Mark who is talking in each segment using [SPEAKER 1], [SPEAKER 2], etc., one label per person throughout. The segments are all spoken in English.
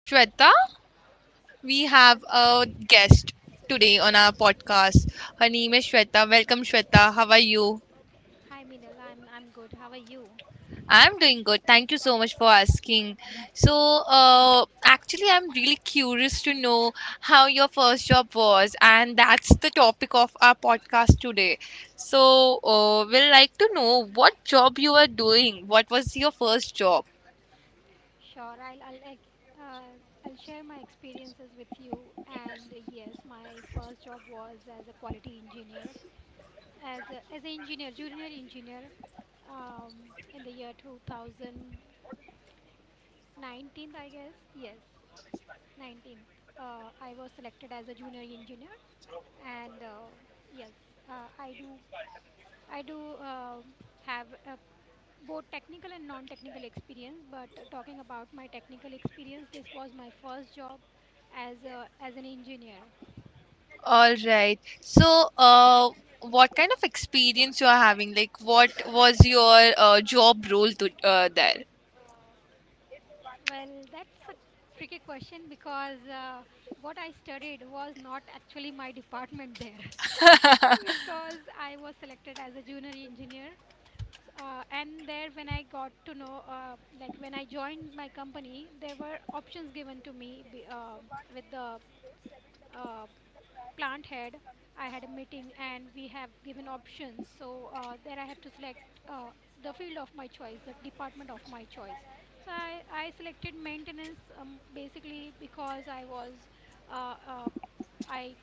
[SPEAKER 1] Shweta. We have a guest today on our podcast. Her name is Shweta. Welcome, Shweta. How are you?
[SPEAKER 2] Hi Minal, I'm good. How are you?
[SPEAKER 1] I'm doing good. Thank you so much for asking. So, actually, I'm really curious to know how your first job was, and that's the topic of our podcast today. So, we'll like to know what job you were doing. What was your first job?
[SPEAKER 2] Sure, I'll I'll share my experiences with you. And yes, my first job was as a quality engineer, as an engineer, junior engineer, in the year 2019, I guess. Yes, 19th. I was selected as a junior engineer, and yes, uh, I do I do have a both technical and non technical experience but talking about my technical experience this was my first job as an engineer.
[SPEAKER 1] All right. So, what kind of experience you are having? Like, what was your job role to there?
[SPEAKER 2] Well, that's a tricky question because what I studied was not actually my department there. Because I was selected as a junior engineer, and there when I got to know like when I joined my company there were options given to me with the uh, plant head, I had a meeting and we have given options, so there I have to select uh, the field of my choice, the department of my choice. I selected maintenance, basically because I was uh, uh, i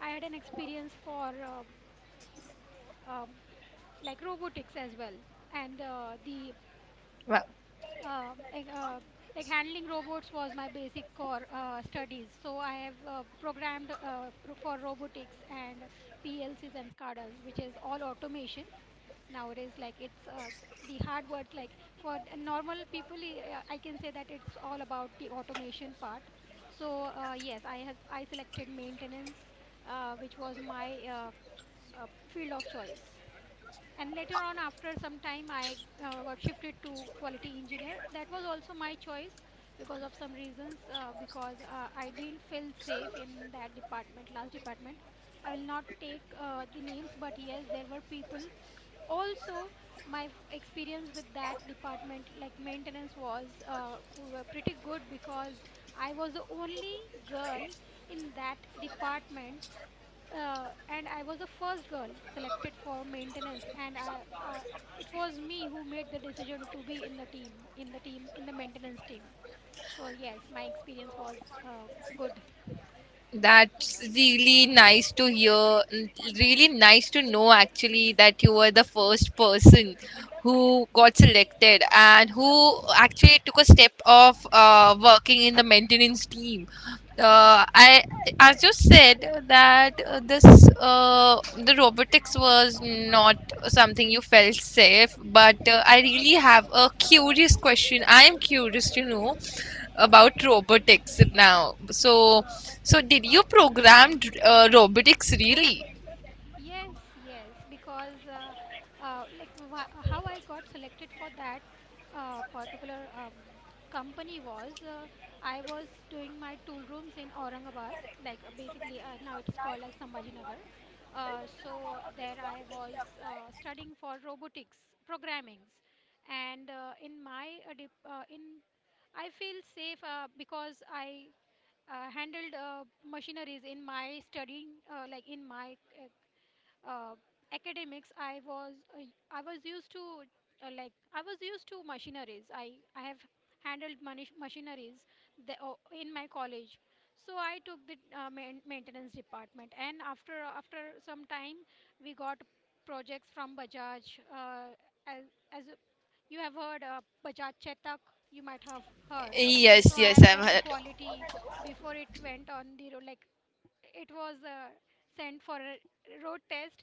[SPEAKER 2] I had an experience for um like robotics as well. and uh, the
[SPEAKER 1] Wow,
[SPEAKER 2] um, like, uh, like handling robots was my basic core studies. So I have programmed for robotics and PLCs and SCADAs, which is all automation nowadays. Like it's the hard words. Like for the normal people, I can say that it's all about the automation part. So yes, I selected maintenance, which was my uh, field of choice, and later on after some time I got shifted to quality engineer. That was also my choice because of some reasons, because I didn't feel safe in that department, last department. I will not take the names, but yes, there were people also. My experience with that department like maintenance was were pretty good, because I was the only girl in that department, and I was the first girl selected for maintenance, and it was me who made the decision to be in the team, in the maintenance team. So yes, my experience was uh, good.
[SPEAKER 1] that's really nice to hear. Really nice to know actually that you were the first person who got selected and who actually took a step of working in the maintenance team. Uh, I,
[SPEAKER 2] Yes.
[SPEAKER 1] as you said, that this the robotics was not something you felt safe, but I really have a curious question. I am curious to know
[SPEAKER 2] Mm-hmm.
[SPEAKER 1] about robotics now. So, did you program robotics really?
[SPEAKER 2] Yes, yes, because like wha how I got selected for that particular company was, I was doing my tool rooms in Aurangabad, like basically now it's called as Sambhajinagar. So there I was studying for robotics programmings, and in my dip, in I feel safe because I handled machineries in my studying, like in my uh, academics. I was used to like I was used to machineries. I have handled manish machineries in my college, so I took the maintenance department, and after some time we got projects from bajaj, uh, as, as you have heard, Bajaj Chetak, you might have heard. So
[SPEAKER 1] Yes,
[SPEAKER 2] I
[SPEAKER 1] yes,
[SPEAKER 2] have
[SPEAKER 1] I've
[SPEAKER 2] done the
[SPEAKER 1] heard.
[SPEAKER 2] quality before it went on the road. Like it was sent for a road test.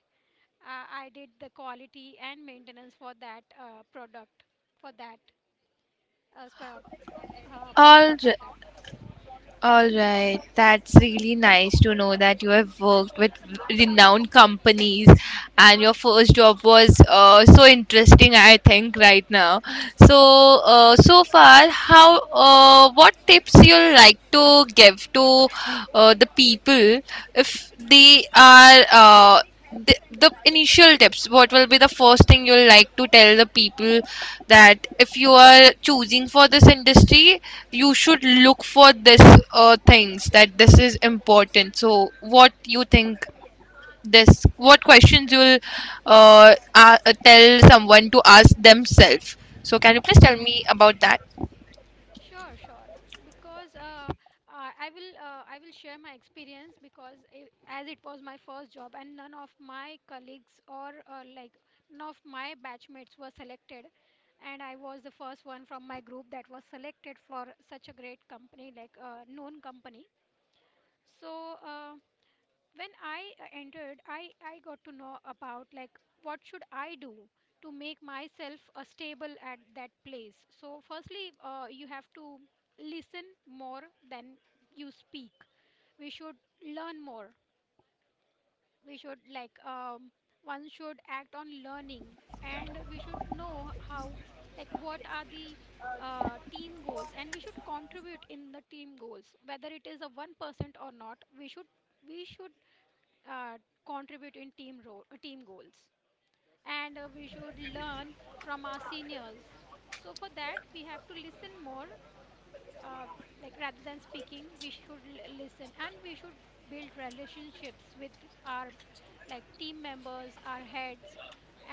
[SPEAKER 2] I did the quality and maintenance for that product, for that uh, sp- Bajaj
[SPEAKER 1] Right.
[SPEAKER 2] Chetak.
[SPEAKER 1] All right, that's really nice to know that you have worked with renowned companies and
[SPEAKER 2] Yes.
[SPEAKER 1] your first job was so interesting, I think, right now. So, so far, how what tips you'll like to give to the people if they are the initial tips, what will be the first thing you'll like to tell the people that if you are choosing for this industry you should look for this things, that this is important. So what you think, this what questions you'll uh, uh, tell someone to ask themselves, so can you please tell me about that?
[SPEAKER 2] Sure, sure. Because I will share my experience, because I, as it was my first job, and none of my colleagues or like none of my batchmates were selected, and I was the first one from my group that was selected for such a great company, like a known company. So. When I entered, I got to know about like what should I do to make myself stable at that place. So firstly, you have to listen more than you speak. We should learn more. We should like, one should act on learning, and we should know how, like what are the team goals, and we should contribute in the team goals, whether it is a 1% or not. We should uh, contribute in team role, team goals, and we should learn from our seniors. So for that, we have to listen more, uh, like rather than speaking. We should listen, and we should build relationships with our like team members, our heads,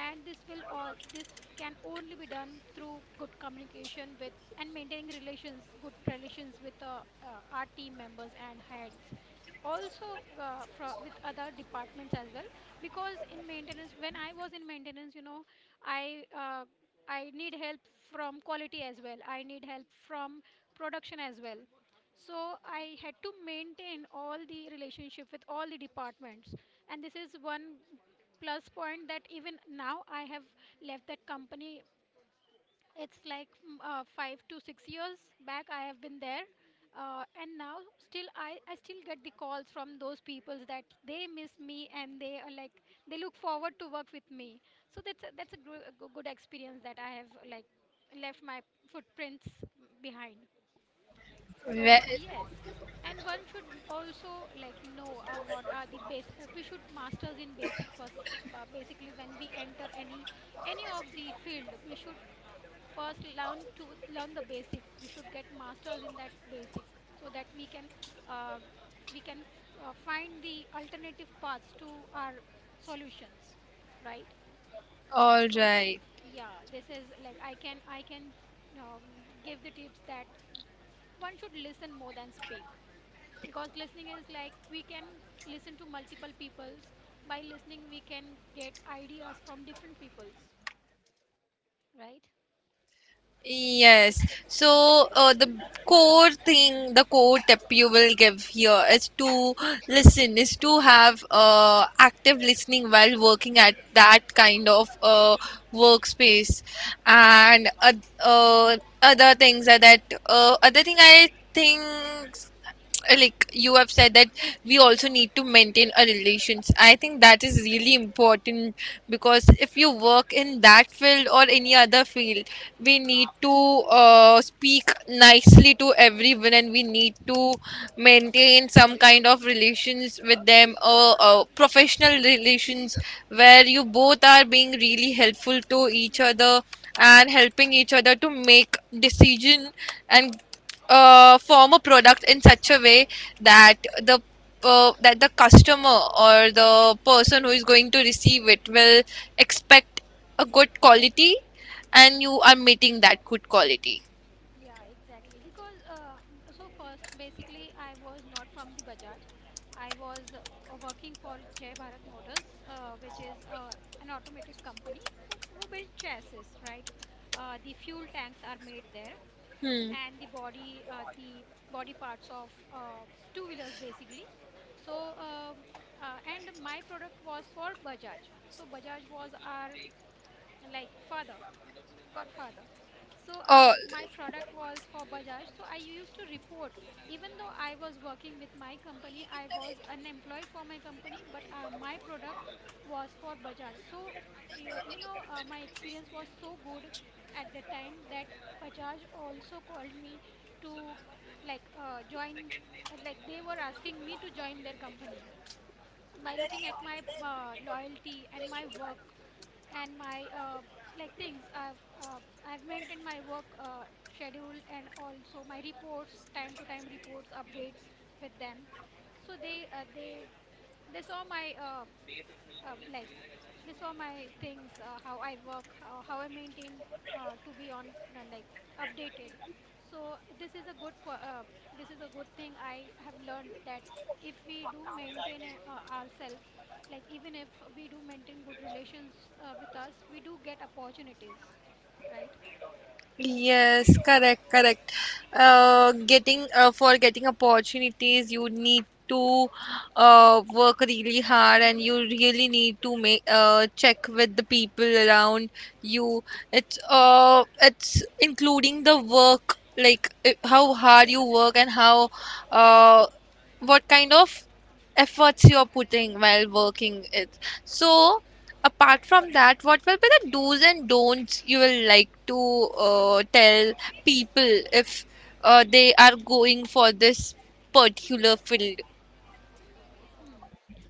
[SPEAKER 2] and this will, all this can only be done through good communication with, and maintaining relations, good relations with our team members and heads also, with other departments as well, because in maintenance, when I was in maintenance, you know, i uh, I need help from quality as well. I need help from production as well. So I had to maintain all the relationship with all the departments. And this is one plus point that even now, I have left that company, it's like 5 to 6 years back I have been there, and now still I still get the calls from those people that they miss me, and they are like they look forward to work with me. So that's a, good experience that I have, like left my footprints behind.
[SPEAKER 1] Well,
[SPEAKER 2] So yes, and one should also like know what are the basic. We should masters in basic first. Basically, when we enter any of the field, we should first learn to learn the basic. We should get masters in that basic, so that uh, we can find the alternative paths to our solutions, right?
[SPEAKER 1] all
[SPEAKER 2] So
[SPEAKER 1] right.
[SPEAKER 2] yeah, this is like I can, um, give the tips that one should listen more than speak, because listening is like we can listen to multiple peoples. By listening, we can get ideas from different peoples, right?
[SPEAKER 1] Yes. So, the core thing, the core tip you will give here is to listen, is to have active listening while working at that kind of workspace. And
[SPEAKER 2] Exactly.
[SPEAKER 1] uh, uh, other things are that other thing I think, like you have said, that we also need to maintain our relations. I think that is really important, because if you work in that field or any other field, we need to speak nicely to everyone and we need to maintain some kind of relations with them, professional relations where you both are being really helpful to each other
[SPEAKER 2] Hmm.
[SPEAKER 1] and helping each other to make decision and form a product in such a way that the that the customer or the person who is going to receive it will expect a good quality and you are meeting that good quality.
[SPEAKER 2] Yeah, exactly. Because so first, basically, I was not from the Bajaj. I was working for Jai Bharat Motors, which is an automated company who build chassis, right? The fuel tanks are made there,
[SPEAKER 1] Hmm.
[SPEAKER 2] and the body parts of two wheelers, basically. So, and my product was for Bajaj. So Bajaj was our like father, Godfather. So
[SPEAKER 1] Oh.
[SPEAKER 2] my product was for Bajaj. So I used to report, even though I was working with my company, I was an employee for my company, but my product was for Bajaj. So you know, my experience was so good at the time that Bajaj also called me to like join. Like they were asking me to join their company by looking at my loyalty and my work and my like things I've maintained my work schedule, and also my reports, time to time reports updates with them. So they they saw my like they saw my things, how I work, how I maintain to be on like updated. So this is a this is a good thing I have learned, that if we do maintain ourselves, like even if we do maintain good relations with us, we do get opportunities, right?
[SPEAKER 1] Yes, correct, correct. Getting for getting opportunities, you need to work really hard, and you really need to make check with the people around you. It's including the work, like how hard you work and how uh, what kind of efforts you're putting while working it. So apart from that, what will be the do's and don'ts you will like to tell people if they are going for this particular field?
[SPEAKER 2] Mm.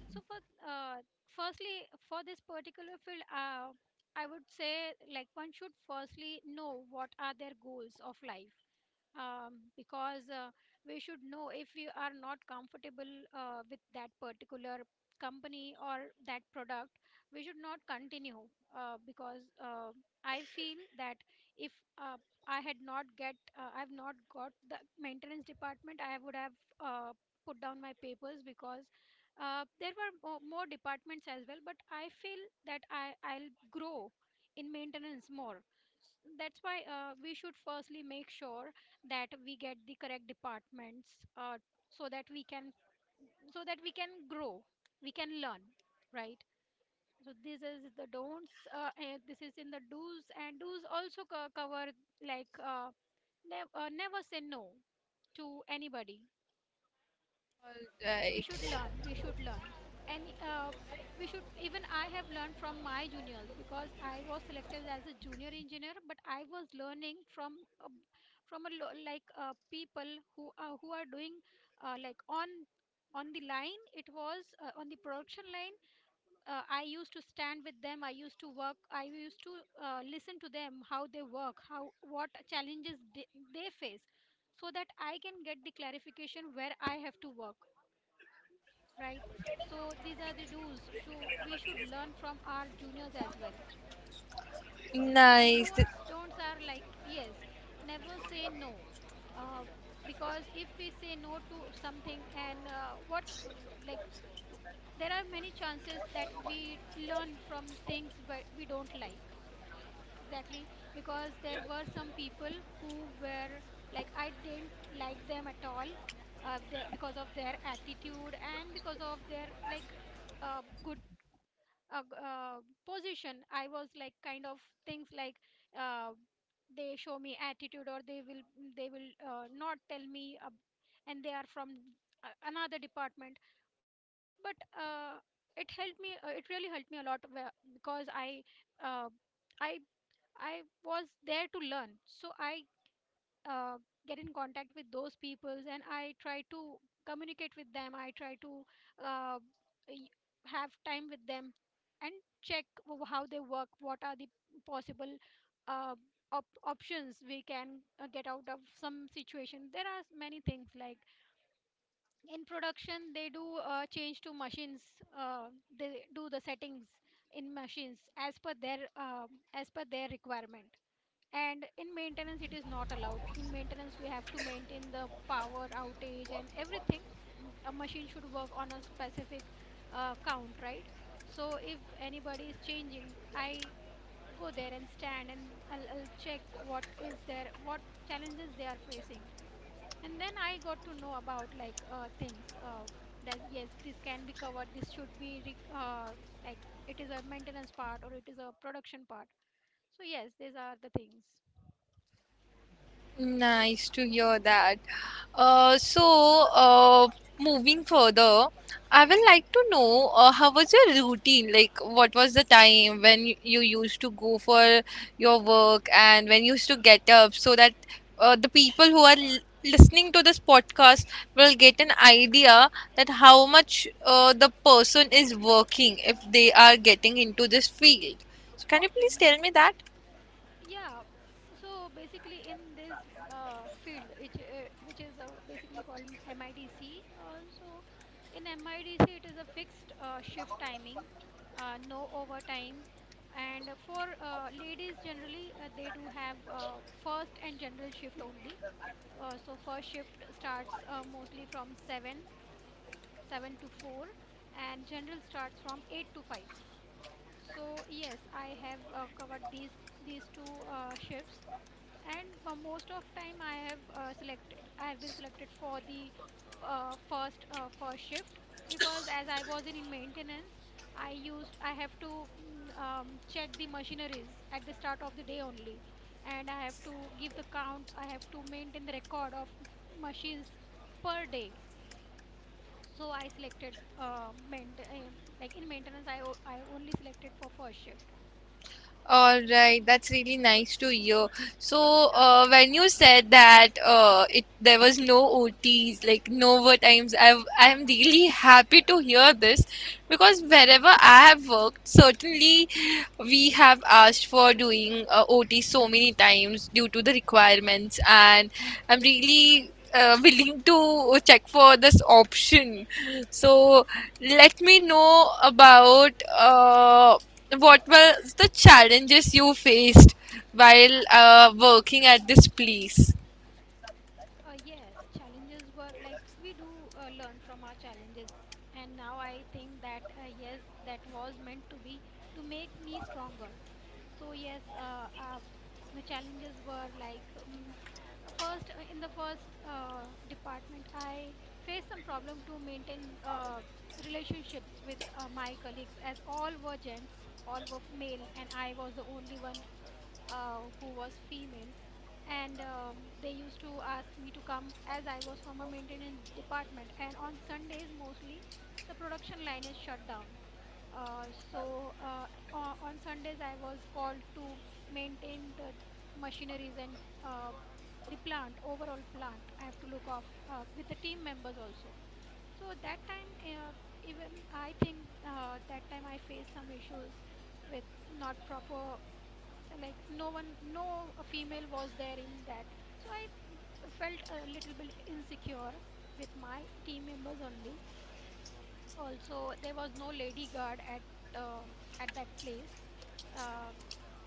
[SPEAKER 2] So for, uh, firstly, for this particular field, I would say like one should firstly know what are their goals of life, because we should know if we are not comfortable with that particular company or that product, we should not continue, because I feel that if uh, I've not got the maintenance department, I would have uh, put down my papers, because there were more departments as well, but I feel that I'll grow in maintenance more. That's why we should firstly make sure that we get the correct departments, so that we can, so that we can grow, we can learn, right? So this is the don'ts, and this is in the do's, and do's also cover, like never say no to anybody.
[SPEAKER 1] Right.
[SPEAKER 2] We should learn, and we should, even I have learned from my juniors, because I was selected as a junior engineer, but I was learning from uh, like people who are doing like on the line, it was on the production line. I used to stand with them, I used to work, I used to listen to them, how they work, how, what challenges they face, so that I can get the clarification where I have to work, right? So these are the do's. Should we, should learn from our juniors as well. And
[SPEAKER 1] Nice.
[SPEAKER 2] don'ts don'ts are like yes, never say no, uh, because if we say no to something and what like there are many chances that we learn from things we don't like exactly, because there were some people who were like I didn't like them at all. They, because of their attitude and because of their like good uh, g- uh, position, I was like kind of things like uh, they show me attitude or they will not tell me, and they are from another department. But it helped me, it really helped me a lot where, because I uh, i I was there to learn. So I uh, get in contact with those peoples and I try to communicate with them, I try to uh, y- have time with them and check how they work, what are the possible uh, options we can get out of some situation. There are many things like in production, they do change to machines, uh, they do the settings in machines as per their requirement. And in maintenance it is not allowed. In maintenance we have to maintain the power outage and everything. A machine should work on a specific count, right? So if anybody is changing, I go there and stand and I'll check what is there, what challenges they are facing. And then I got to know about like things that yes, this can be covered, this should be like it is a maintenance part or it is a production part. So yes, these are the things.
[SPEAKER 1] Nice to hear that. So, moving further, I would
[SPEAKER 2] Hmm.
[SPEAKER 1] like to know how was your routine? Like, what was the time when you used to go for your work and when you used to get up, so that the people who are l listening to this podcast will get an idea that how much the person is working if they are getting into this field. So, can you please tell me
[SPEAKER 2] Hmm.
[SPEAKER 1] that?
[SPEAKER 2] Yeah. So basically, in this field, which is basically called MIDC, so in MIDC it is a fixed shift timing, no overtime, and for ladies generally they do have first and general shift only. So first shift starts mostly from seven, seven to four, and general starts from eight to five. So yes, I have covered these two shifts, and most of time I have selected, I have been selected for the first shift, because as I was in maintenance, I have to check the machineries at the start of the day only, and I have to give the count. I have to maintain the record of machines per day. So I selected like in maintenance I I only selected for first shift.
[SPEAKER 1] All right, that's really nice to hear. So, when you said that it there was no OTs, like no overtimes, I'm really happy to hear this, because
[SPEAKER 2] Yes.
[SPEAKER 1] wherever I have worked, certainly we have asked for doing OT so many times due to the requirements, and I'm really willing to check for this option. So,
[SPEAKER 2] Uh-huh.
[SPEAKER 1] let me know about what were the challenges you faced while working at this place?
[SPEAKER 2] Yes, challenges were like we do learn from our challenges. And now I think that, yes, that was meant to be to make me stronger. So, yes, the challenges were like first, in the first department, I faced some problem to maintain relationships with my colleagues, as all were gents, all were male, and I was the only one who was female. And they used to ask me to come as I was from a maintenance department. And on Sundays, mostly the production line is shut down. Uh, so uh, on Sundays, I was called to maintain the machineries and uh, the plant, overall plant. I have to look off with the team members also. So that time, even I think that time I faced some issues with not proper, like no one, no a female was there in that. So I felt a little bit insecure with my team members only. Also, there was no lady guard uh, at that place. uh,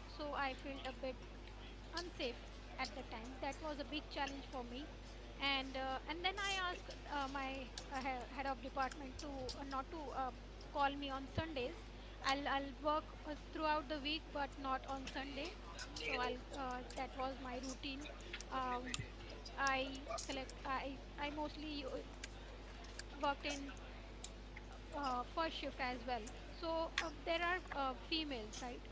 [SPEAKER 2] so I felt a bit unsafe at the time. That was a big challenge for me. And then I asked my head of department to not to call me on Sundays. I'll work throughout the week but not on Sunday. So I'll that was my routine. um, I select, I mostly worked in first shift as well, so there are females, right?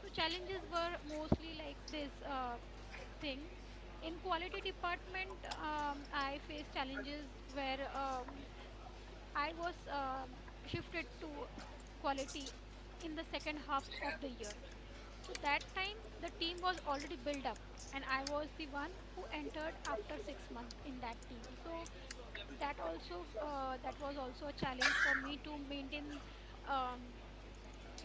[SPEAKER 2] So challenges were mostly like this thing. In quality department, I faced challenges where I was shifted to quality in the second half of the year. So that time the team was already built up, and I was the one who entered after 6 months in that team. So that also, that was also a challenge for me to maintain, um,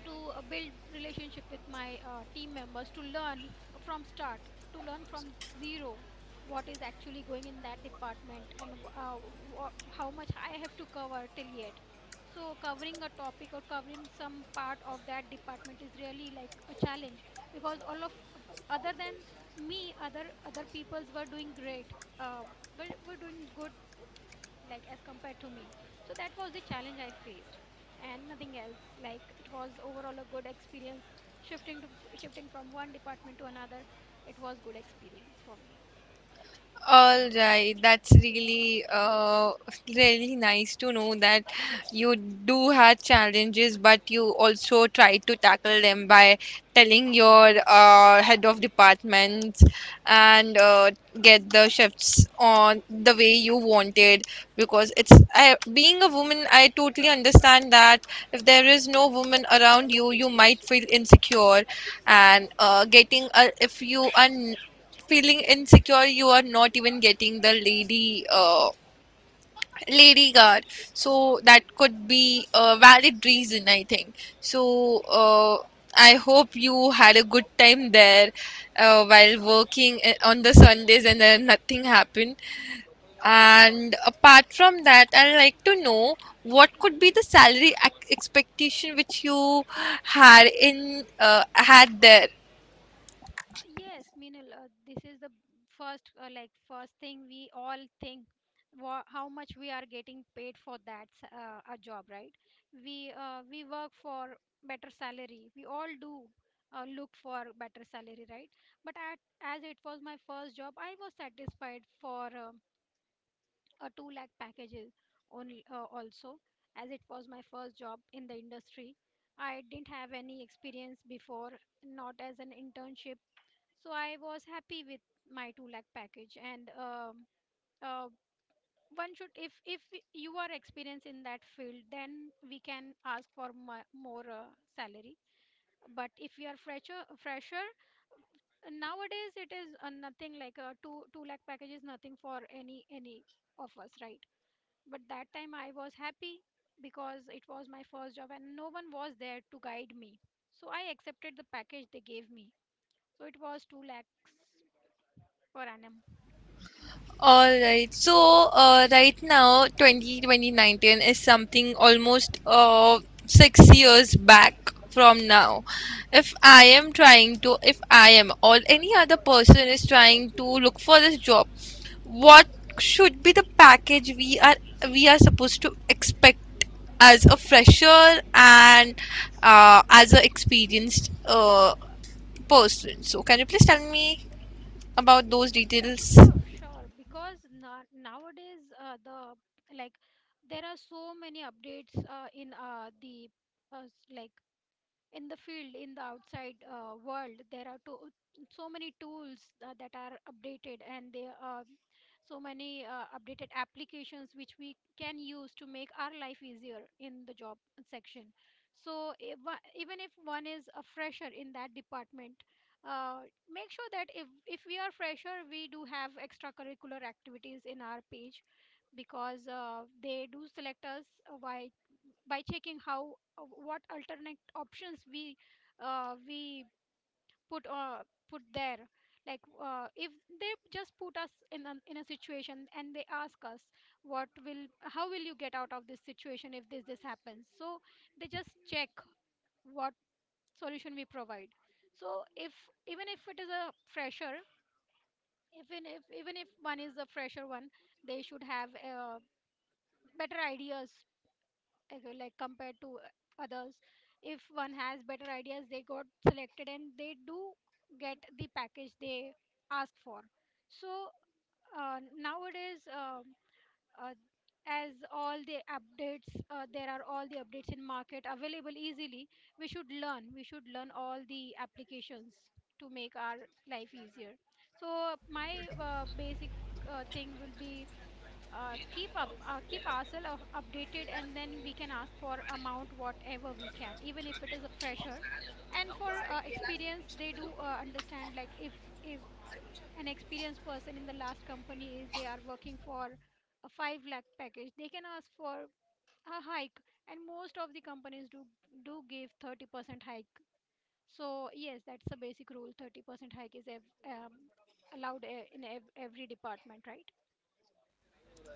[SPEAKER 2] to build relationship with my team members, to learn from start, to learn from zero what is actually going in that department. And uh, wha how much I have to cover till yet. So covering a topic or covering some part of that department is really like a challenge, because all of, other than me, other other peoples were doing great, uh, were doing good like as compared to me. So that was the challenge I faced, and nothing else. Like, it was overall a good experience, shifting to shifting from one department to another. It was good experience for me.
[SPEAKER 1] All right, that's really really nice to know that you do have challenges, but you also try to tackle them by telling your head of department and get the shifts on the way you wanted. Because it's, I, being a woman, I totally understand that if there is no woman around you, you might feel insecure, and if you are feeling insecure, you are not even getting the lady guard, so that could be a valid reason, I think. So, I hope you had a good time there while working on the Sundays and then nothing happened. And apart from that, I'd like to know what could
[SPEAKER 2] Mm.
[SPEAKER 1] be the salary expectation which you had there.
[SPEAKER 2] Yes, Meenal, this is the first, like first thing we all think, wha how much we are getting paid for that a job, right? We work for better salary. We all do look for better salary, right? But at, as it was my first job, I was satisfied for a two lakh packages only. Also, as it was my first job in the industry, I didn't have any experience before, not as an internship. So I was happy with my 2 lakh package. And uh, one should, if you are experienced in that field, then we can ask for more salary. But if you are fresher, fresher nowadays, it is nothing, like a 2 lakh package is nothing for any of us, right? But that time I was happy because it was my first job and no one was there to guide me. So I accepted the package they gave me. So it was 2 lakhs per annum.
[SPEAKER 1] All right. So, right now, 20 2019 is something almost 6 years back from now.
[SPEAKER 2] Mm-hmm.
[SPEAKER 1] If I am trying to, if I am or any other person is trying to look for this job, what should be the package we are supposed to expect as a fresher and as an experienced person? So can you please tell me about those details?
[SPEAKER 2] Sure, sure. Because na nowadays, the like there are so many updates in the like in the field, in the outside world, there are so many tools that are updated, and there are so many updated applications which we can use to make our life easier in the job section. So if, one- even if one is a fresher in that department, uh, make sure that, if we are fresher, we do have extracurricular activities in our page, because they do select us by checking how what alternate options we uh, we put put there. Like if they just put us in a situation and they ask us what will, how will you get out of this situation, if this this happens. So they just check what solution we provide. So if, even if it is a fresher, even if one is a fresher, one, they should have better ideas, okay, like compared to others. If one has better ideas, they got selected and they do get the package they ask for. So nowadays, uh, as all the updates there are all the updates in market available easily, we should learn, we should learn all the applications to make our life easier. So my basic thing will be keep ourselves updated, and then we can ask for amount whatever we can, even if it is a fresher. And for experience, they do understand like, if an experienced person in the last company they are working for a 5 lakh package, they can ask for a hike. And most of the companies do do give 30% hike. So yes, that's the basic rule. 30% hike is allowed in every department, right?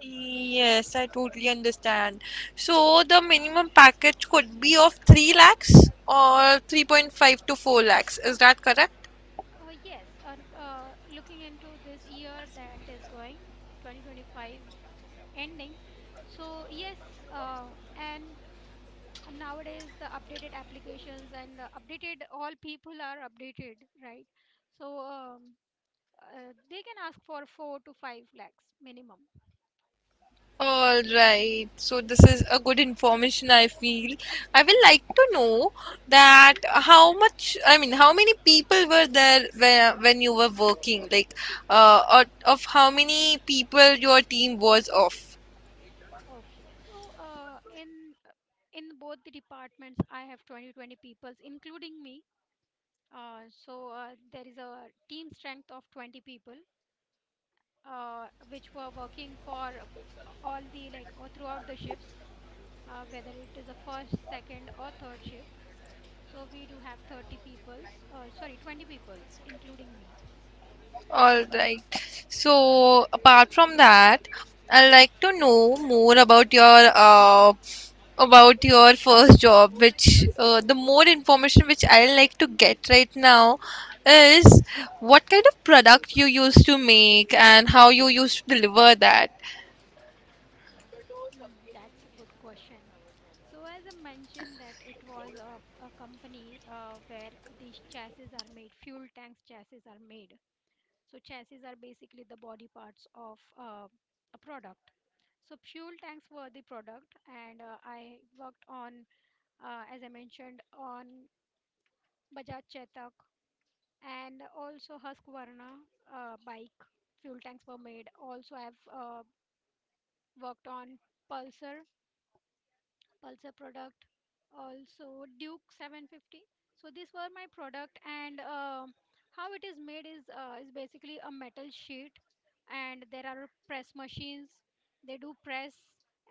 [SPEAKER 1] Yes, I totally understand. So the minimum package could be of 3 lakhs or 3.5 to 4 lakhs. Is that correct?
[SPEAKER 2] Yes, looking into this year that is going, 2025 ending. So, yes, and nowadays the updated applications and updated, all people are updated, right? So, they can ask for four to five lakhs minimum.
[SPEAKER 1] All right. So this is a good information, I feel. I will like
[SPEAKER 2] Mhm.
[SPEAKER 1] to know that how much, I mean, how many people were there when you were working? Like, or of how many people your team was of?
[SPEAKER 2] Okay, so in both the departments, I have twenty twenty 20 peoples, including me. So there is a team strength of 20 people which were working for all the like or throughout the shifts, whether it is a first, second, or third shift. So we do have 30 peoples, sorry, 20 peoples, including me.
[SPEAKER 1] All right. So, apart from that, I'd like to know more about your first job, which the more information which I like to get right now is what kind of product you used to make and how you used to deliver that.
[SPEAKER 2] Mm, that's a good question. So as I mentioned that it was a company where these chassis are made, fuel tanks chassis are made. So chassis are basically the body parts of a product. So fuel tanks were the product, and I worked on as I mentioned, on Bajaj Chetak and also Husqvarna bike fuel tanks were made. Also, I've worked on Pulsar Pulsar product, also Duke 750. So these were my product, and how it is made is is basically a metal sheet, and there are press machines. They do press,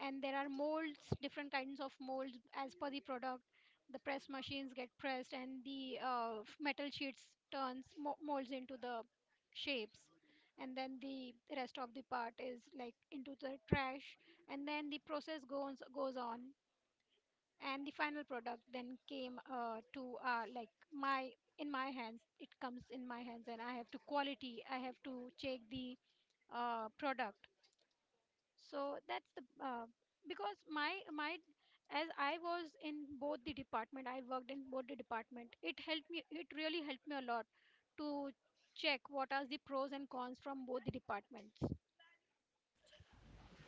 [SPEAKER 2] and there are molds, different kinds of molds as per the product. The press machines get pressed, and the metal sheets turns molds into the shapes, and then the rest of the part is like into the trash, and then the process goes on, and the final product then came to like my in my hands. It comes in my hands, and I have to check the product. So that's the because my as I was in both the department, it helped me. It really helped me a lot to check what are the pros and cons from both the departments.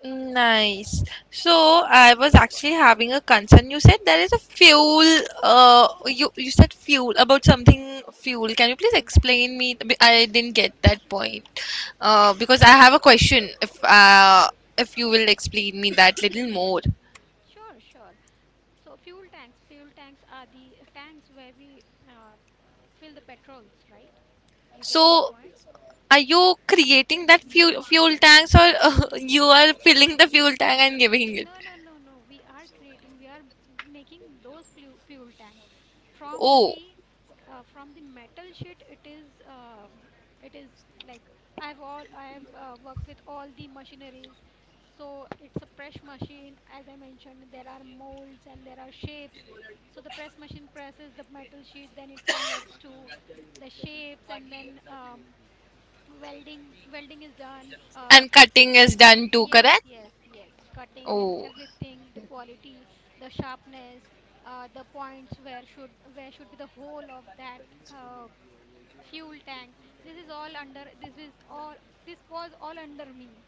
[SPEAKER 1] Nice. So I was actually having a concern. You said there is a fuel. You said fuel about something fuel. Can you please
[SPEAKER 2] Fuel tank,
[SPEAKER 1] explain me?
[SPEAKER 2] fuel tank.
[SPEAKER 1] I didn't get that point. Because I have a question. If you will explain me that little more.
[SPEAKER 2] Sure, sure. So fuel tanks are the tanks where we uh, fill the petrols, right? You get my
[SPEAKER 1] So
[SPEAKER 2] point?
[SPEAKER 1] are you creating that fuel tanks or you are filling the fuel tank
[SPEAKER 2] Yes.
[SPEAKER 1] and giving it?
[SPEAKER 2] No, no, no, no. We are creating, we are making those flu fuel tanks from
[SPEAKER 1] Oh,
[SPEAKER 2] the from the metal sheet. It is it is like I have worked with all the machineries. So it's a press machine, as I mentioned. There are molds and there are shapes. So the press machine presses the metal sheet, then it converts to the shapes, and then welding is done,
[SPEAKER 1] and cutting is done too,
[SPEAKER 2] yes,
[SPEAKER 1] correct?
[SPEAKER 2] yes, yes. Cutting and
[SPEAKER 1] Oh.
[SPEAKER 2] everything, the quality, the sharpness, the points where should be the whole of that uh, fuel tank. This is all under. This is all. This was all under me,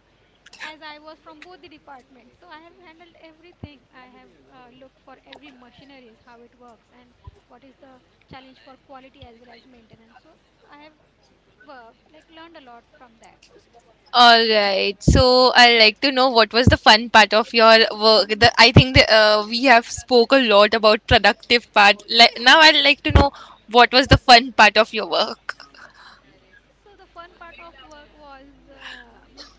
[SPEAKER 2] as I was from both the departments. So I have handled everything. I have looked for every machineries, how it works, and what is the challenge for quality as well as maintenance. So I have like learned a lot from that.
[SPEAKER 1] All right. So I like to know what was the fun part of your work. I think, we have spoke a lot about productive part. Like now, I'd like to know what was the fun part of your work.
[SPEAKER 2] So the fun part of work was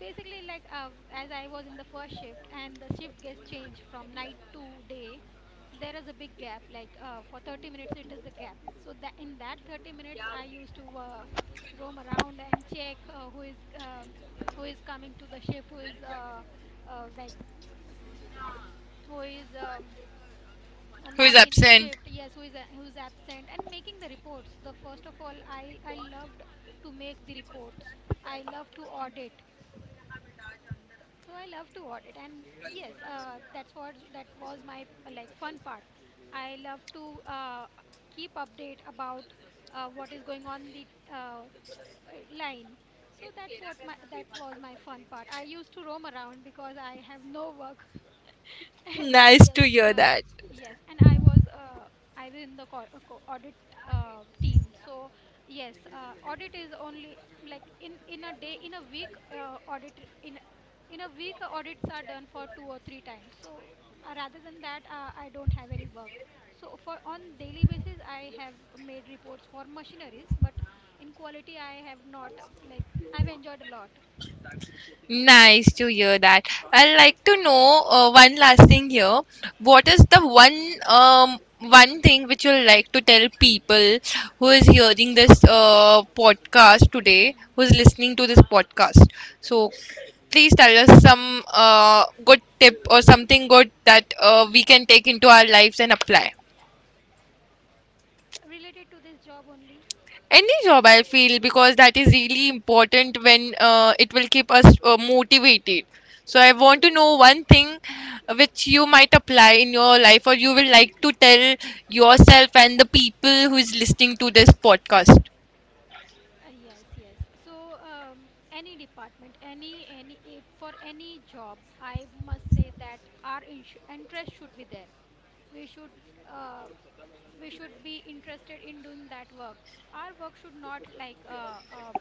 [SPEAKER 2] basically like as I was in the first shift and the shift gets changed from night to day. There is a big gap. Like for 30 minutes, it is a gap. So that in that 30 minutes, I used to roam around and check who is coming to the shift, who is like who is
[SPEAKER 1] Who is
[SPEAKER 2] not in the
[SPEAKER 1] absent?
[SPEAKER 2] shift. Yes, who's absent, and making the reports. The first of all, I loved to make the reports. I love to audit. So I love to audit, and yes, that was my like fun part. I love to keep update about what is going on the uh, line. So that was my fun part. I used to roam around because I have no work. And
[SPEAKER 1] Nice to hear that.
[SPEAKER 2] yes and I was I was in the co- audit team. So yes, audit is only like in a day, in a week, audit in a week, audits are done for two or three times. So rather than that, I don't have any work. So for on daily basis, I have made reports for machineries, but in quality I have not I've enjoyed a lot.
[SPEAKER 1] Nice to hear that. I'd like to know one last thing here. What is
[SPEAKER 2] Hmm.
[SPEAKER 1] the um one thing which you'll like to tell people who is hearing this podcast today,
[SPEAKER 2] Hmm.
[SPEAKER 1] who's listening to this podcast? So please tell us some good tip or something good that we can take into our lives and apply.
[SPEAKER 2] Related to this job only?
[SPEAKER 1] Any job, I feel, because that is really important, when it will keep us motivated. So, I want to
[SPEAKER 2] Yes.
[SPEAKER 1] know one thing which you might apply in your life, or you will like to tell yourself and the people who is listening to this podcast.
[SPEAKER 2] Yes, yes. So, any department, for any job, I must say that our interest should be there. We should uh, we should be interested in doing that work. Our work should not like uh, uh,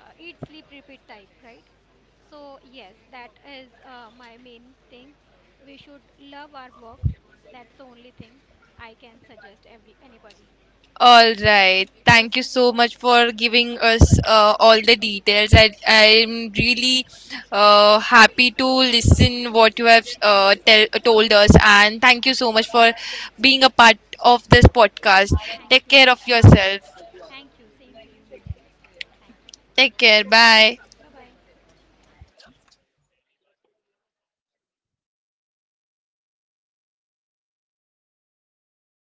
[SPEAKER 2] uh, eat, sleep, repeat type, right? So yes, that is my main thing. We should love our work. That's the only thing I can suggest every anybody.
[SPEAKER 1] All right. Thank you so much for giving us all the details. I'm really happy to listen what you have told us, and thank you so much for being a part of this podcast. Take care
[SPEAKER 2] Thank
[SPEAKER 1] of
[SPEAKER 2] you, Minel.
[SPEAKER 1] yourself.
[SPEAKER 2] Thank you. Same to you, Minel. Thank you.
[SPEAKER 1] Take care. Bye.
[SPEAKER 2] Bye bye.